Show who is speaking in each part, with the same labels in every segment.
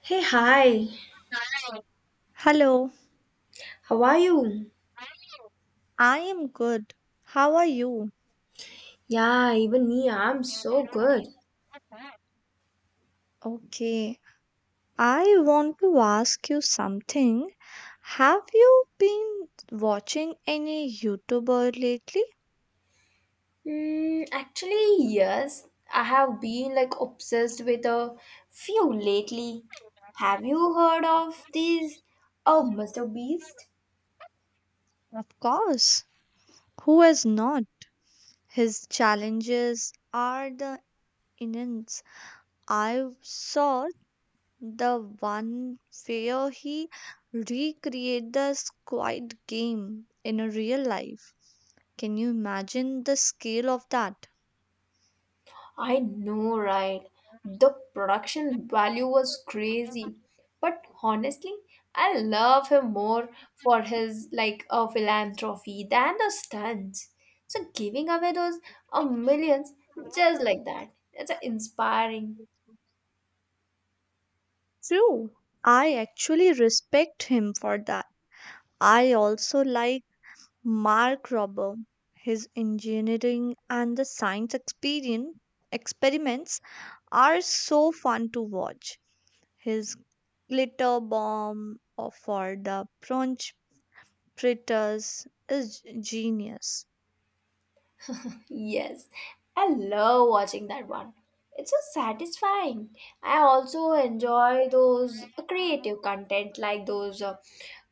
Speaker 1: Hey, hi.
Speaker 2: Hello,
Speaker 1: How are you?
Speaker 2: I am good. How are you?
Speaker 1: Yeah, even me, I'm so good.
Speaker 2: Okay, I want to ask you something. Have you been watching any YouTuber lately?
Speaker 1: Actually, yes. I have been like obsessed with a few lately. Have you heard of these? Oh, Mr. Beast?
Speaker 2: Of course. Who has not? His challenges are the innings. I saw the one where he recreate the Squid Game in a real life. Can you imagine the scale of that?
Speaker 1: I know, right? The production value was crazy. But honestly, I love him more for his philanthropy than the stunts. So giving away those millions just like that, it's inspiring.
Speaker 2: True. I actually respect him for that. I also like Mark Robber. His engineering and the science experience experiments are so fun to watch. His glitter bomb or for the punch fritters is genius.
Speaker 1: Yes, I love watching that one. It's so satisfying. I also enjoy those creative content like those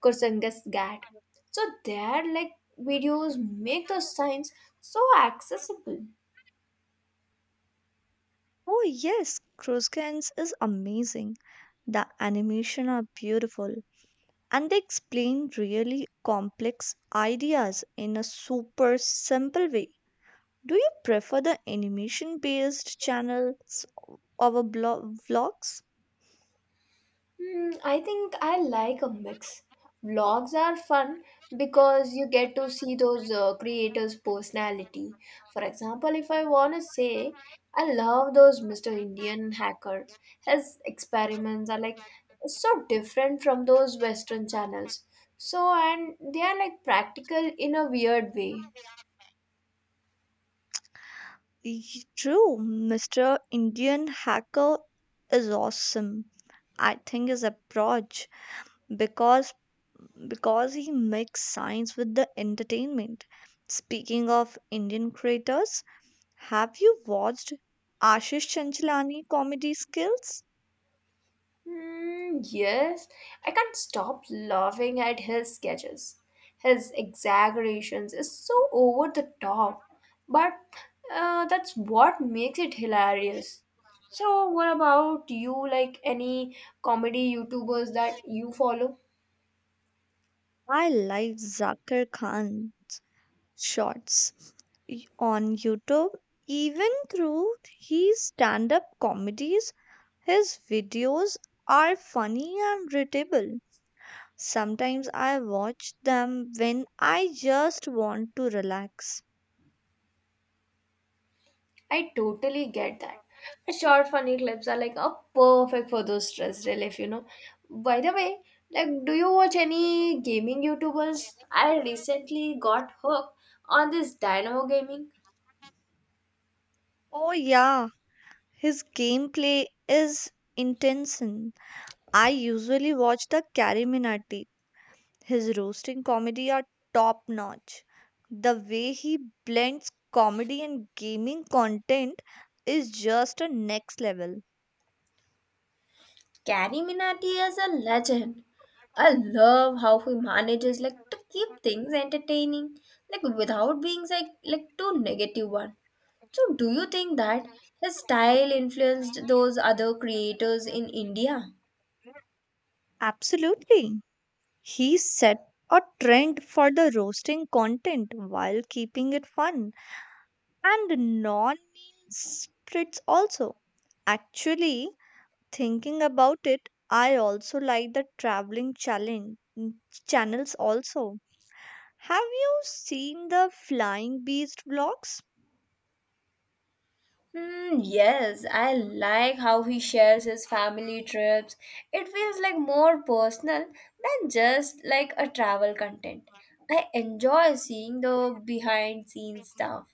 Speaker 1: Kursangas Gat. So they're like videos make those signs so accessible.
Speaker 2: Oh yes, Kruskens is amazing. The animation are beautiful and they explain really complex ideas in a super simple way. Do you prefer the animation based channels over vlogs?
Speaker 1: I think I like a mix. Vlogs are fun because you get to see those creators' personality. For example, if I want to say, I love those Mr. Indian hacker. His experiments are like so different from those Western channels. So, and they are like practical in a weird way.
Speaker 2: True, Mr. Indian Hacker is awesome. I think his approach because because he makes science with the entertainment. Speaking of Indian creators, have you watched Ashish Chanchalani comedy skills?
Speaker 1: Yes, I can't stop laughing at his sketches. His exaggerations is so over the top, but that's what makes it hilarious. So, what about you? Like any comedy YouTubers that you follow?
Speaker 2: I like Zakir Khan shorts on YouTube. Even through his stand up comedies, his videos are funny and readable. Sometimes I watch them when I just want to relax.
Speaker 1: I totally get that. But Short funny clips are like a perfect for those stress relief. By the way, like do you watch any gaming YouTubers? I recently got hooked on this Dynamo Gaming.
Speaker 2: Oh, yeah, his gameplay is intense. I usually watch the Kariminati. His roasting comedy are top notch. The way he blends comedy and gaming content is just a next level.
Speaker 1: Gary Minati is a legend. I love how he manages like to keep things entertaining, like without being like too negative one. So do you think that his style influenced those other creators in India?
Speaker 2: Absolutely. He set a trend for the roasting content while keeping it fun and non mean spirits also. Actually, thinking about it, I also like the traveling challenge mm, channels also. Have you seen the flying beast vlogs?
Speaker 1: Yes, I like how he shares his family trips. It feels like more personal than just like a travel content. I enjoy seeing the behind scenes stuff,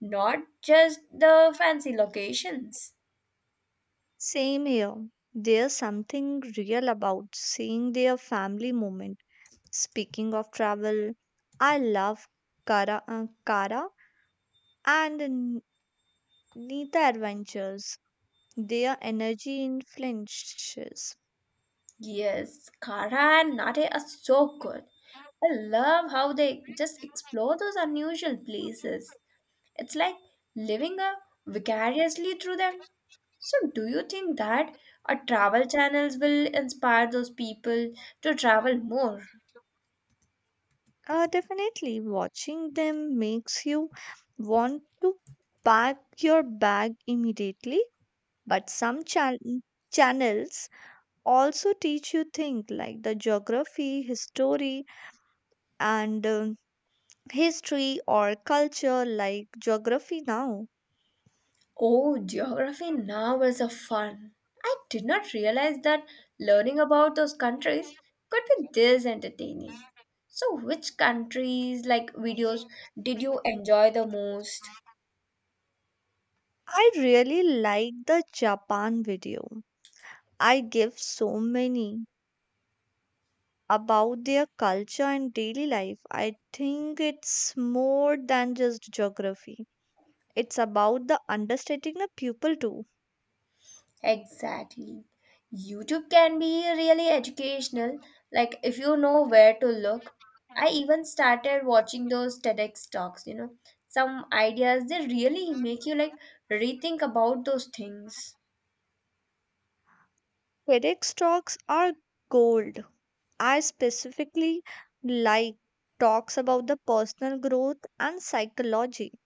Speaker 1: not just the fancy locations.
Speaker 2: Same here. There's something real about seeing their family moment. Speaking of travel, I love Kara and Nita Adventures. Their energy in flinches.
Speaker 1: Yes, Kara and Nate are so good. I love how they just explore those unusual places. It's like living a vicariously through them. So, do you think that our travel channels will inspire those people to travel more?
Speaker 2: Definitely, watching them makes you want to pack your bag immediately. But channels also teach you things like the geography, history, and history or culture, like geography now.
Speaker 1: Oh, geography now is a fun. I did not realize that learning about those countries could be this entertaining. So, which countries like videos did you enjoy the most?
Speaker 2: I really like the Japan video. I give so many about their culture and daily life. I think it's more than just geography. It's about the understating the pupil too.
Speaker 1: Exactly. YouTube can be really educational, like if you know where to look. I even started watching those TEDx talks, some ideas they really make you like rethink about those things.
Speaker 2: TEDx talks are gold. I specifically like talks about the personal growth and psychology.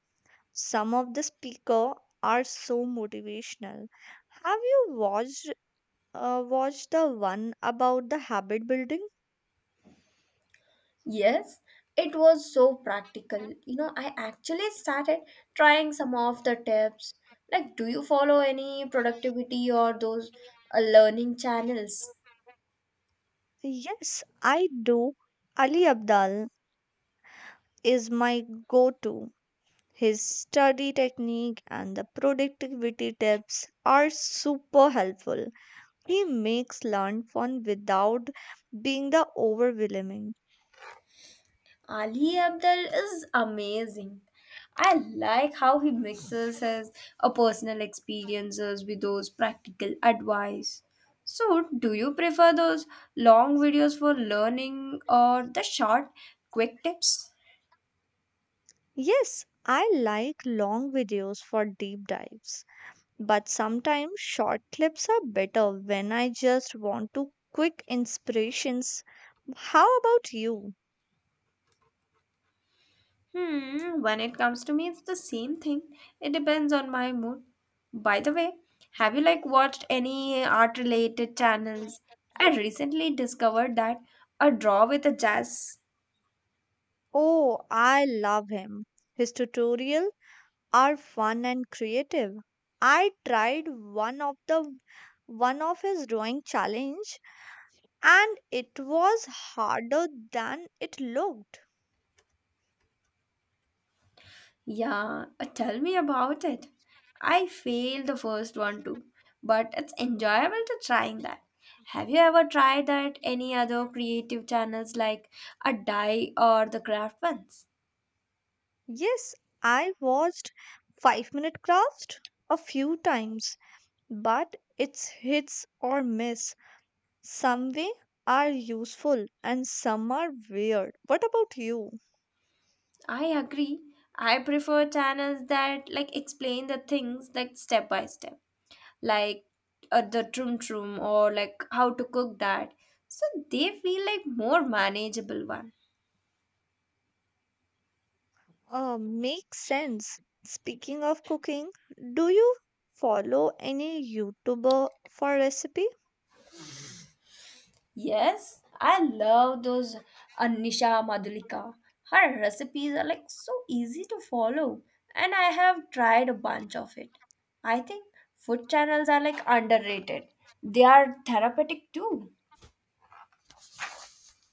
Speaker 2: Some of the speaker are so motivational. Have you watched watched the one about the habit building?
Speaker 1: Yes, it was so practical. You know, I actually started trying some of the tips. Like, do you follow any productivity or those learning channels?
Speaker 2: Yes, I do. Ali Abdal is my go-to. His study technique and the productivity tips are super helpful. He makes learn fun without being the overwhelming.
Speaker 1: Ali Abdul is amazing. I like how he mixes his personal experiences with those practical advice. So, do you prefer those long videos for learning or the short, quick tips?
Speaker 2: Yes, I like long videos for deep dives, but sometimes short clips are better when I just want to quick inspirations. How about you?
Speaker 1: When it comes to me, it's the same thing. It depends on my mood. By the way, have you like watched any art related channels? I recently discovered that a draw with a jazz.
Speaker 2: Oh, I love him. His tutorials are fun and creative. I tried one of his drawing challenge and it was harder than it looked.
Speaker 1: Yeah, tell me about it. I failed the first one too, but it's enjoyable to trying that. Have you ever tried that any other creative channels like a dye or the craft ones?
Speaker 2: Yes, I watched 5-minute crafts a few times, but it's hits or miss. Some way are useful and some are weird. What about you?
Speaker 1: I agree. I prefer channels that like explain the things like step by step, like the trum or like how to cook that. So they feel like more manageable one.
Speaker 2: Makes sense. Speaking of cooking, do you follow any YouTuber for recipe?
Speaker 1: Yes, I love those Anisha Madhulika. Her recipes are like so easy to follow, and I have tried a bunch of it. I think food channels are like underrated. They are therapeutic too.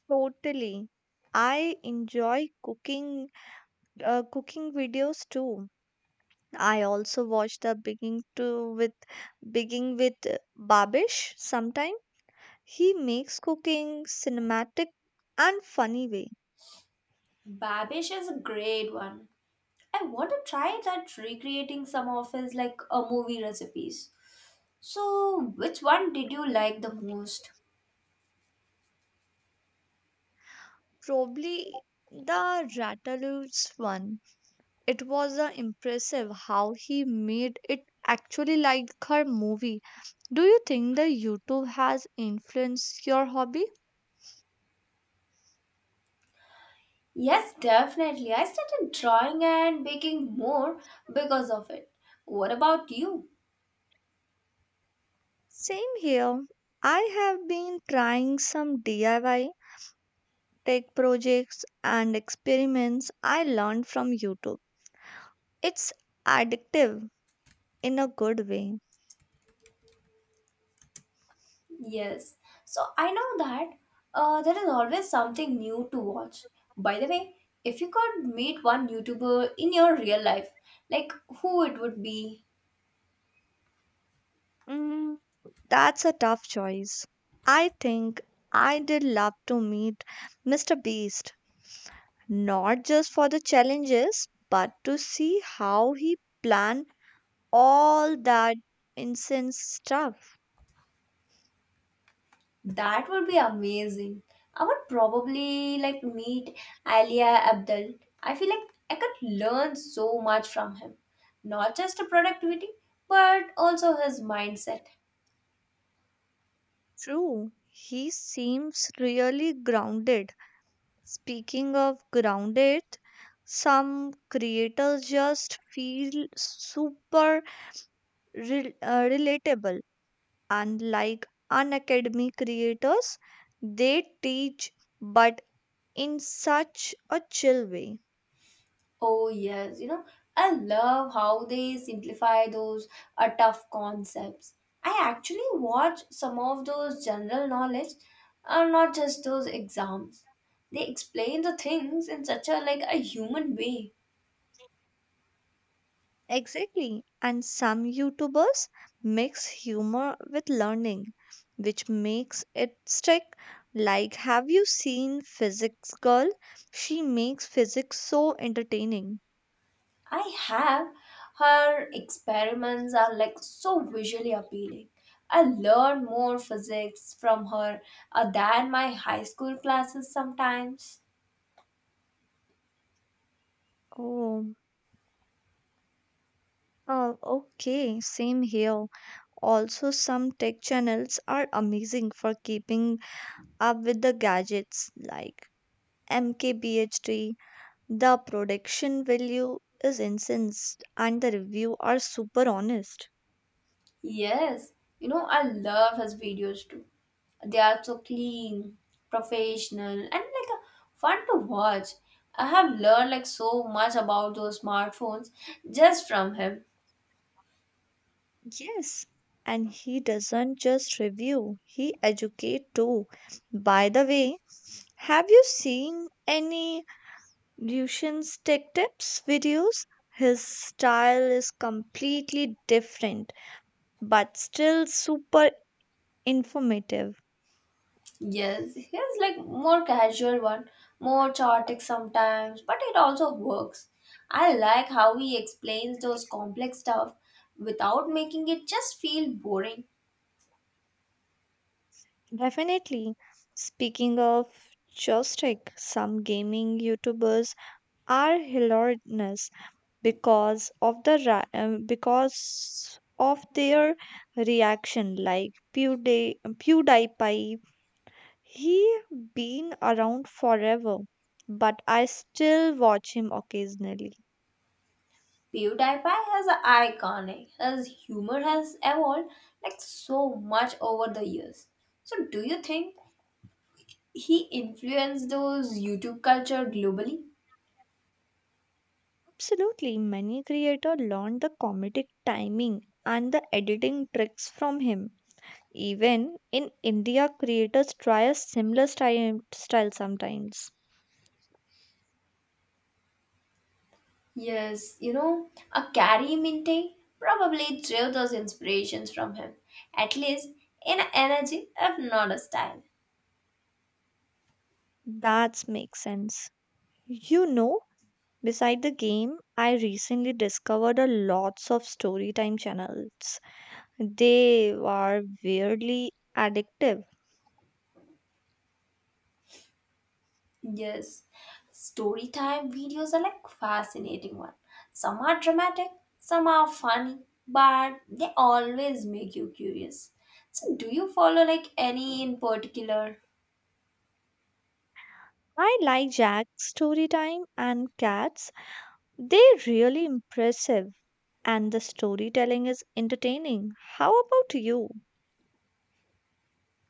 Speaker 2: Totally. I enjoy cooking videos too. I also watch the baking to with baking with Babish sometime. He makes cooking cinematic and funny way.
Speaker 1: Babish is a great one. I want to try that recreating some of his like a movie recipes. So, which one did you like the most?
Speaker 2: Probably the Ratatouille one. It was impressive how he made it actually like her movie. Do you think that YouTube has influenced your hobby?
Speaker 1: Yes, definitely. I started drawing and baking more because of it. What about you?
Speaker 2: Same here. I have been trying some DIY tech projects and experiments I learned from YouTube. It's addictive in a good way.
Speaker 1: Yes. So I know that there is always something new to watch. By the way, if you could meet one YouTuber in your real life, like who it would be,
Speaker 2: Mm, That's a tough choice. I think I did love to meet Mr. Beast, not just for the challenges, but to see how he planned all that incense stuff.
Speaker 1: that would be amazing. I would probably like meet Alia Abdul. I feel like I could learn so much from him, not just productivity, but also his mindset.
Speaker 2: True, he seems really grounded. Speaking of grounded, some creators just feel super relatable. Unlike unacademy creators, they teach but in such a chill way.
Speaker 1: Oh, yes. You know, I love how they simplify those tough concepts. I actually watch some of those general knowledge, not just those exams. They explain the things in such a like a human way.
Speaker 2: Exactly. And some YouTubers mix humor with learning, which makes it stick. Like, have you seen Physics Girl? She makes physics so entertaining.
Speaker 1: I have, her experiments are like so visually appealing. I learn more physics from her than my high school classes sometimes.
Speaker 2: Oh, oh, okay, same here. Also, some tech channels are amazing for keeping up with the gadgets like MKBHD. The production value is incense and the review are super honest.
Speaker 1: Yes, you know, I love his videos too. They are so clean, professional, and fun to watch. I have learned like so much about those smartphones just from him.
Speaker 2: Yes, and he doesn't just review, he educate too. By the way, have you seen any Lucian's Tech Tips videos? His style is completely different but still super informative.
Speaker 1: Yes, he is like more casual one, more chaotic sometimes, but it also works. I like how he explains those complex stuff without making it just feel boring.
Speaker 2: Definitely. Speaking of joystick, some gaming YouTubers are hilarious because of because of their reaction like pewdiepie. He been around forever but I still watch him occasionally.
Speaker 1: PewDiePie has an iconic. His humor has evolved like so much over the years. So do you think he influenced those YouTube culture globally?
Speaker 2: Absolutely, many creator learned the comedic timing and the editing tricks from him. Even in India creators try a similar style sometimes.
Speaker 1: Yes, you know, a Carrie Minte probably drew those inspirations from him, at least in energy, if not a style.
Speaker 2: That makes sense, you know. Beside the game, I recently discovered a lots of storytime channels. They are weirdly addictive.
Speaker 1: Yes, story time videos are like fascinating one. Some are dramatic, some are funny, but they always make you curious. So, do you follow like any in particular?
Speaker 2: I like Jack's story time and Cat's. They're really impressive and the storytelling is entertaining. How about you?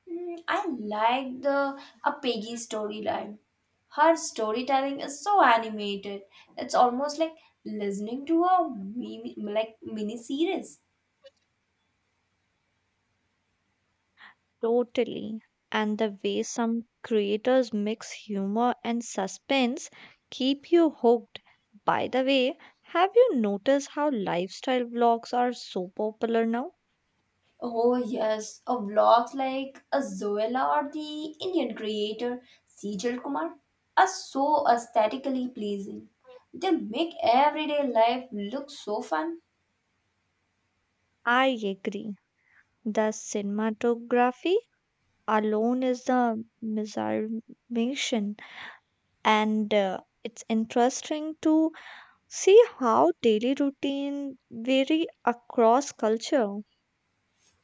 Speaker 1: I like the a Peggy storyline. Her storytelling is so animated. It's almost like listening to a mini series.
Speaker 2: Totally. And the way some creators mix humor and suspense keep you hooked. By the way, have you noticed how lifestyle vlogs are so popular now?
Speaker 1: Oh yes, a vlogs like a Zoella or the Indian creator Sejal Kumar are so aesthetically pleasing. They make everyday life look so fun.
Speaker 2: I agree. The cinematography alone is a misarmation, and it's interesting to see how daily routine vary across culture.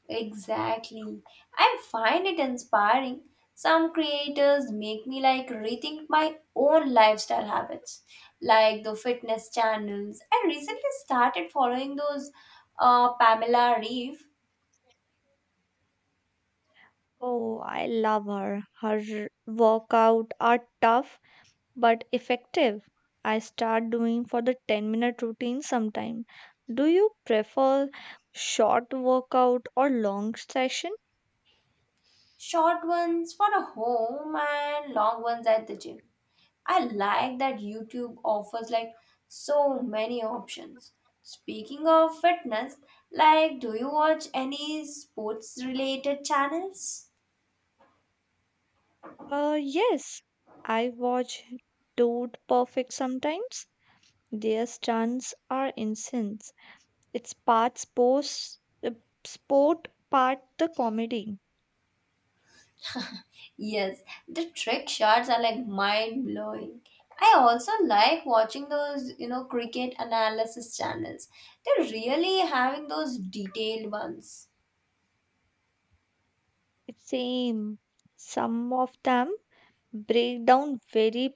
Speaker 1: Exactly. I find it inspiring. Some creators make me like rethink my own lifestyle habits, like the fitness channels. I recently started following those Pamela Reeve.
Speaker 2: Oh, I love her. Her workout are tough but effective. I start doing for the 10-minute routine sometime. Do you prefer short workout or long session?
Speaker 1: Short ones for a home and long ones at the gym. I like that YouTube offers like so many options. Speaking of fitness, like do you watch any sports related channels?
Speaker 2: Yes, I watch Dude Perfect sometimes. Their stunts are insane. It's uh, sport, part the comedy.
Speaker 1: Yes, the trick shots are like mind blowing. I also like watching those, you know, cricket analysis channels. They're really having those detailed ones.
Speaker 2: It's same. Some of them break down very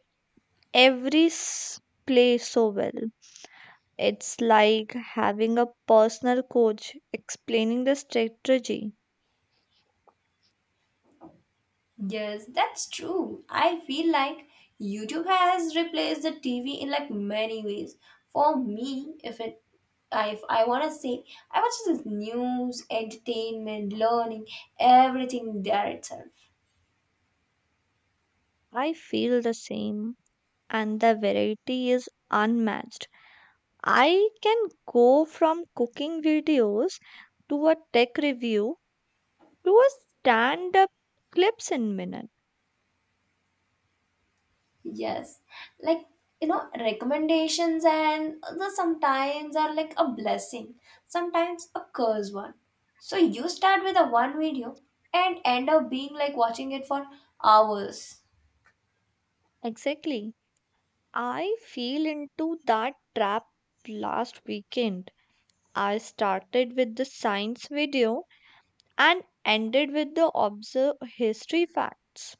Speaker 2: every s- play so well. It's like having a personal coach explaining the strategy.
Speaker 1: Yes, that's true. I feel like YouTube has replaced the TV in like many ways. For me, if I wanna say, I watch this news, entertainment, learning, everything there itself.
Speaker 2: I feel the same, and the variety is unmatched. I can go from cooking videos to a tech review to a stand up clips in minute.
Speaker 1: Yes. Like you know, recommendations and the sometimes are like a blessing, sometimes a curse one. So you start with a one video and end up being like watching it for hours.
Speaker 2: Exactly. I fell into that trap last weekend. I started with the science video and ended with the observe history facts.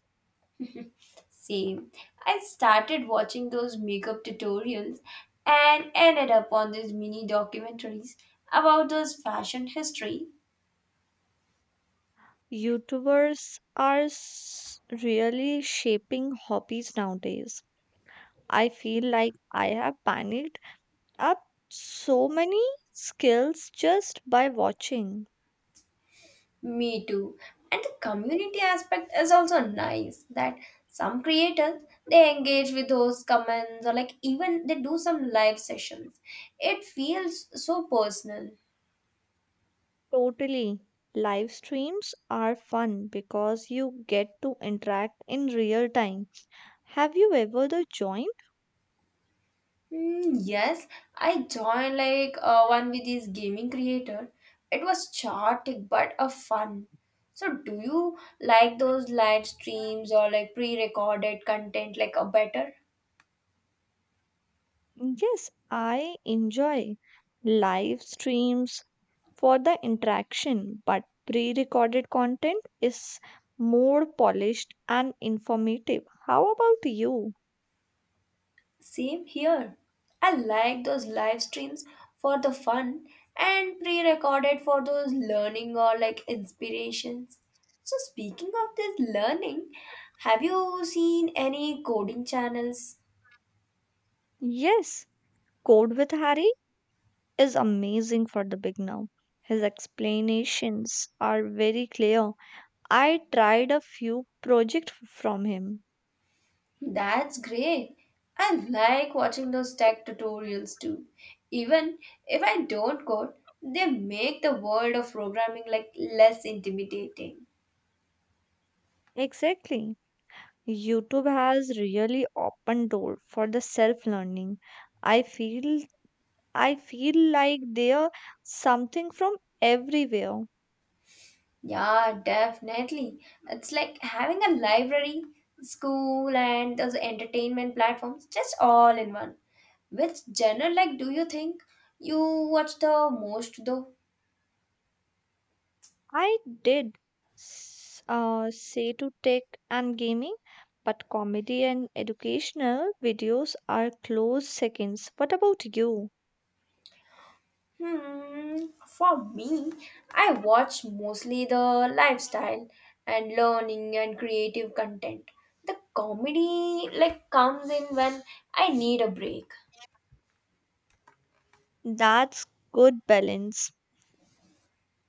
Speaker 1: Same. I started watching those makeup tutorials and ended up on these mini documentaries about those fashion history.
Speaker 2: YouTubers are really shaping hobbies nowadays. I feel like I have panicked up so many skills just by watching.
Speaker 1: Me too. And the community aspect is also nice that some creators they engage with those comments or like even they do some live sessions. It feels so personal.
Speaker 2: Totally. Live streams are fun because you get to interact in real time. Have you ever the joined?
Speaker 1: Yes, I joined one with this gaming creator. It was chaotic but a fun. So, do you like those live streams or like pre-recorded content like a better?
Speaker 2: Yes, I enjoy live streams for the interaction, but pre-recorded content is more polished and informative. How about you?
Speaker 1: Same here. I like those live streams for the fun and pre-recorded for those learning or like inspirations. So, speaking of this learning, have you seen any coding channels?
Speaker 2: Yes, Code with Harry is amazing for the beginner. His explanations are very clear. I tried a few projects from him.
Speaker 1: That's great. I like watching those tech tutorials too. Even if I don't code, they make the world of programming like less intimidating.
Speaker 2: Exactly. YouTube has really opened door for the self learning. I feel I feel like there something from everywhere.
Speaker 1: Yeah, definitely. It's like having a library, school, and those entertainment platforms just all in one. Which genre like do you think you watch the most though?
Speaker 2: I did say to tech and gaming, but comedy and educational videos are close seconds. What about you?
Speaker 1: For me, I watch mostly the lifestyle and learning and creative content. The comedy like comes in when I need a break.
Speaker 2: That's good balance.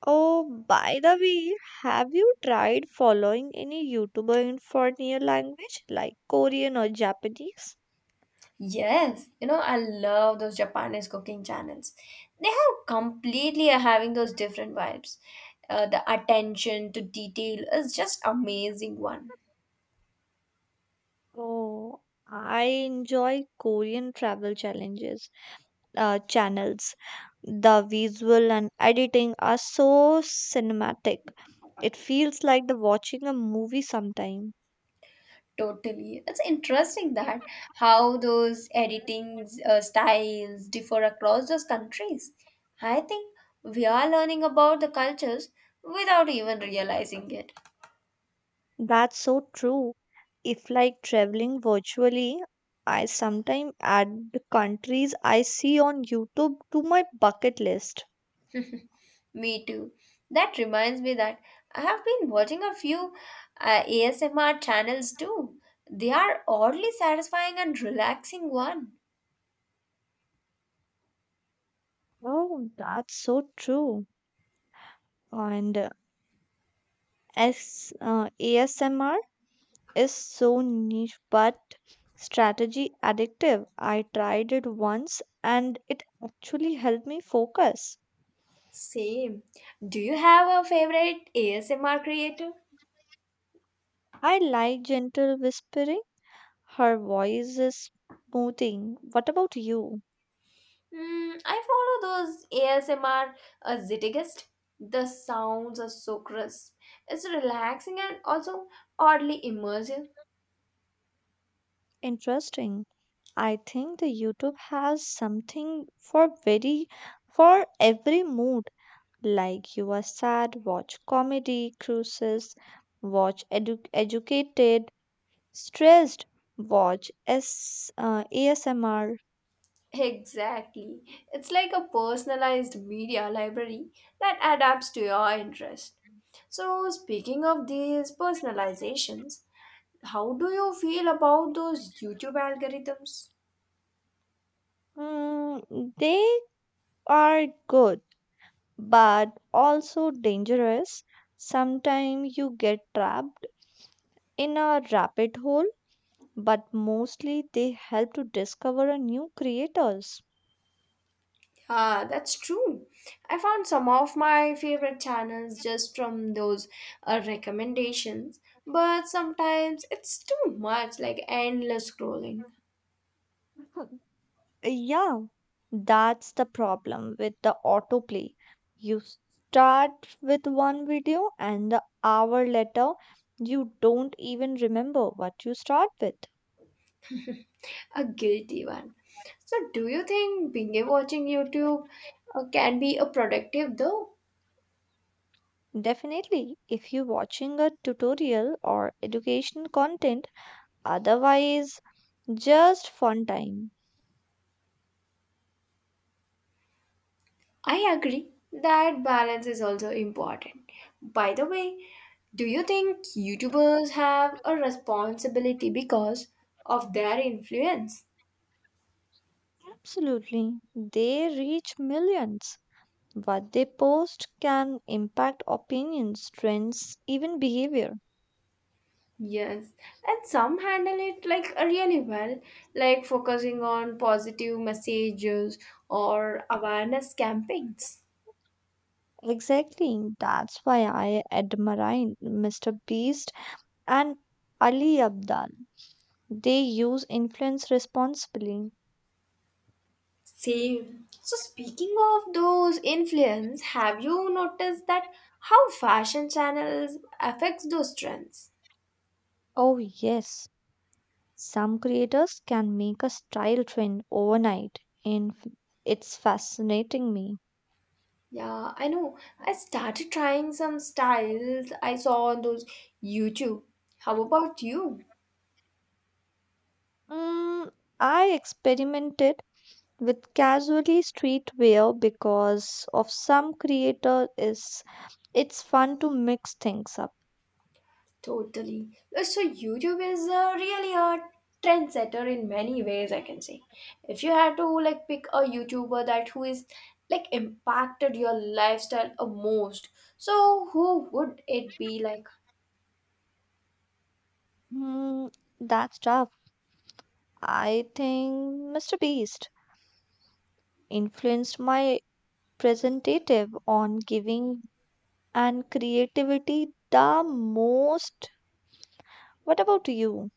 Speaker 2: Oh, by the way, have you tried following any YouTuber in foreign language like Korean or Japanese?
Speaker 1: Yes, you know, I love those Japanese cooking channels. They have completely are having those different vibes. The attention to detail is just amazing one.
Speaker 2: Oh, I enjoy Korean travel challenges channels. The visual and editing are so cinematic. It feels like the watching a movie sometime.
Speaker 1: Totally. It's interesting that how those editing styles differ across those countries. I think we are learning about the cultures without even realizing it.
Speaker 2: That's so true. If like traveling virtually, I sometimes add the countries I see on YouTube to my bucket list.
Speaker 1: Me too. That reminds me that I have been watching a few ASMR channels too. They are oddly satisfying and relaxing one.
Speaker 2: Oh, that's so true. And ASMR is so niche but strategy addictive. I tried it once and it actually helped me focus.
Speaker 1: Same. Do you have a favorite ASMR creator?
Speaker 2: I like gentle whispering. Her voice is smoothing. What about you?
Speaker 1: I follow those ASMR Zittigist. The sounds are so crisp. It's relaxing and also oddly immersive.
Speaker 2: Interesting. I think the YouTube has something for very for every mood. Like you are sad, watch comedy, cruises, watch educated, stressed, watch S ASMR.
Speaker 1: Exactly. It's like a personalized media library that adapts to your interest. So, speaking of these personalizations, how do you feel about those YouTube algorithms?
Speaker 2: They are good, but also dangerous. Sometimes you get trapped in a rabbit hole, but mostly they help to discover a new creators.
Speaker 1: Ah, that's true. I found some of my favorite channels just from those recommendations, but sometimes it's too much, like endless scrolling,
Speaker 2: Yeah, that's the problem with the autoplay. You start with one video, and the hour later, you don't even remember what you start with.
Speaker 1: a guilty one. So, do you think binge watching YouTube can be a productive though?
Speaker 2: Definitely, if you're watching a tutorial or educational content, otherwise, just fun time.
Speaker 1: I agree that balance is also important. By the way, do you think YouTubers have a responsibility because of their influence?
Speaker 2: Absolutely, they reach millions. What they post can impact opinions, trends, even behavior.
Speaker 1: Yes, and some handle it really well, like focusing on positive messages or awareness campaigns.
Speaker 2: Exactly. That's why I admire Mr. Beast and Ali Abdal. They use influence responsibly.
Speaker 1: Same. So, speaking of those influence, have you noticed that how fashion channels affects those trends?
Speaker 2: Oh, yes. Some creators can make a style trend overnight, and it's fascinating me.
Speaker 1: Yeah, I know. I started trying some styles I saw on those YouTube. How about you?
Speaker 2: Mm, I experimented with casually streetwear because of some creator is it's fun to mix things up.
Speaker 1: Totally. So YouTube is really a trendsetter in many ways, I can say. If you had to like pick a YouTuber that who is like impacted your lifestyle a most, so who would it be like?
Speaker 2: Mm, that's tough. I think Mr. Beast influenced my presentative on giving and creativity the most. What about you?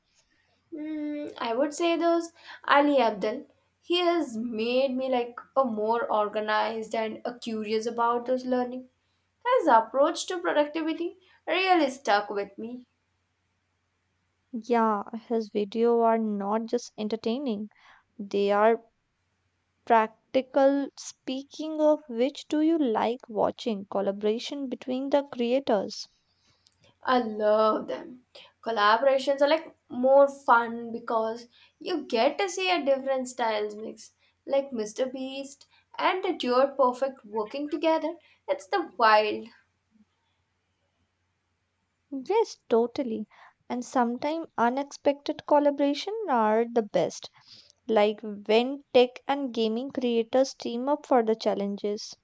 Speaker 1: I would say those Ali Abdul. He has made me like a more organized and a curious about those learning. His approach to productivity really stuck with me.
Speaker 2: Yeah, his videos are not just entertaining, they are practical. Speaking of which, do you like watching collaboration between the creators?
Speaker 1: I love them. Collaborations are like more fun because you get to see a different styles mix, like Mr. Beast and the Duo Perfect working together. It's the wild.
Speaker 2: Yes, totally. And sometimes unexpected collaboration are the best, like when tech and gaming creators team up for the challenges.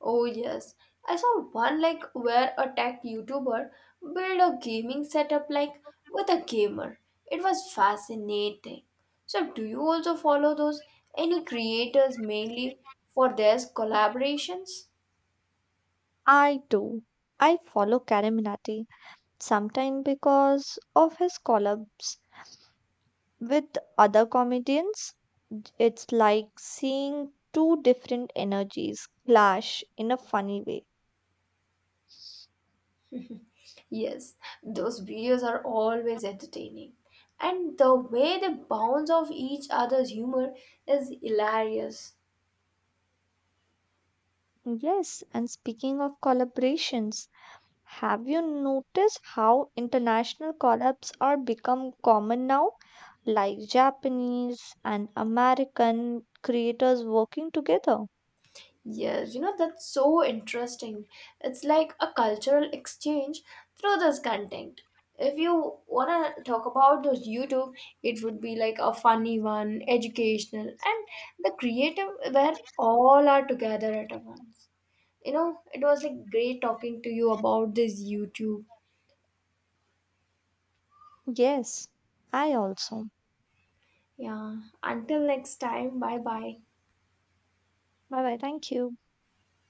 Speaker 1: Oh yes, I saw one like where a tech YouTuber built a gaming setup like with a gamer. It was fascinating. So, do you also follow those any creators mainly for their collaborations?
Speaker 2: I do. I follow Karaminati sometimes because of his collabs with other comedians. It's like seeing two different energies clash in a funny way.
Speaker 1: Yes, those videos are always entertaining. And the way they bounce off each other's humor is hilarious.
Speaker 2: Yes, and speaking of collaborations, have you noticed how international collabs are become common now? Like Japanese and American creators working together.
Speaker 1: Yes, you know, that's so interesting. It's like a cultural exchange through this content. If you want to talk about those YouTube, it would be like a funny one, educational, and the creative where all are together at once. You know, it was like great talking to you about this YouTube.
Speaker 2: Yes, I also.
Speaker 1: Yeah. Until next time, bye bye.
Speaker 2: Bye bye. Thank you.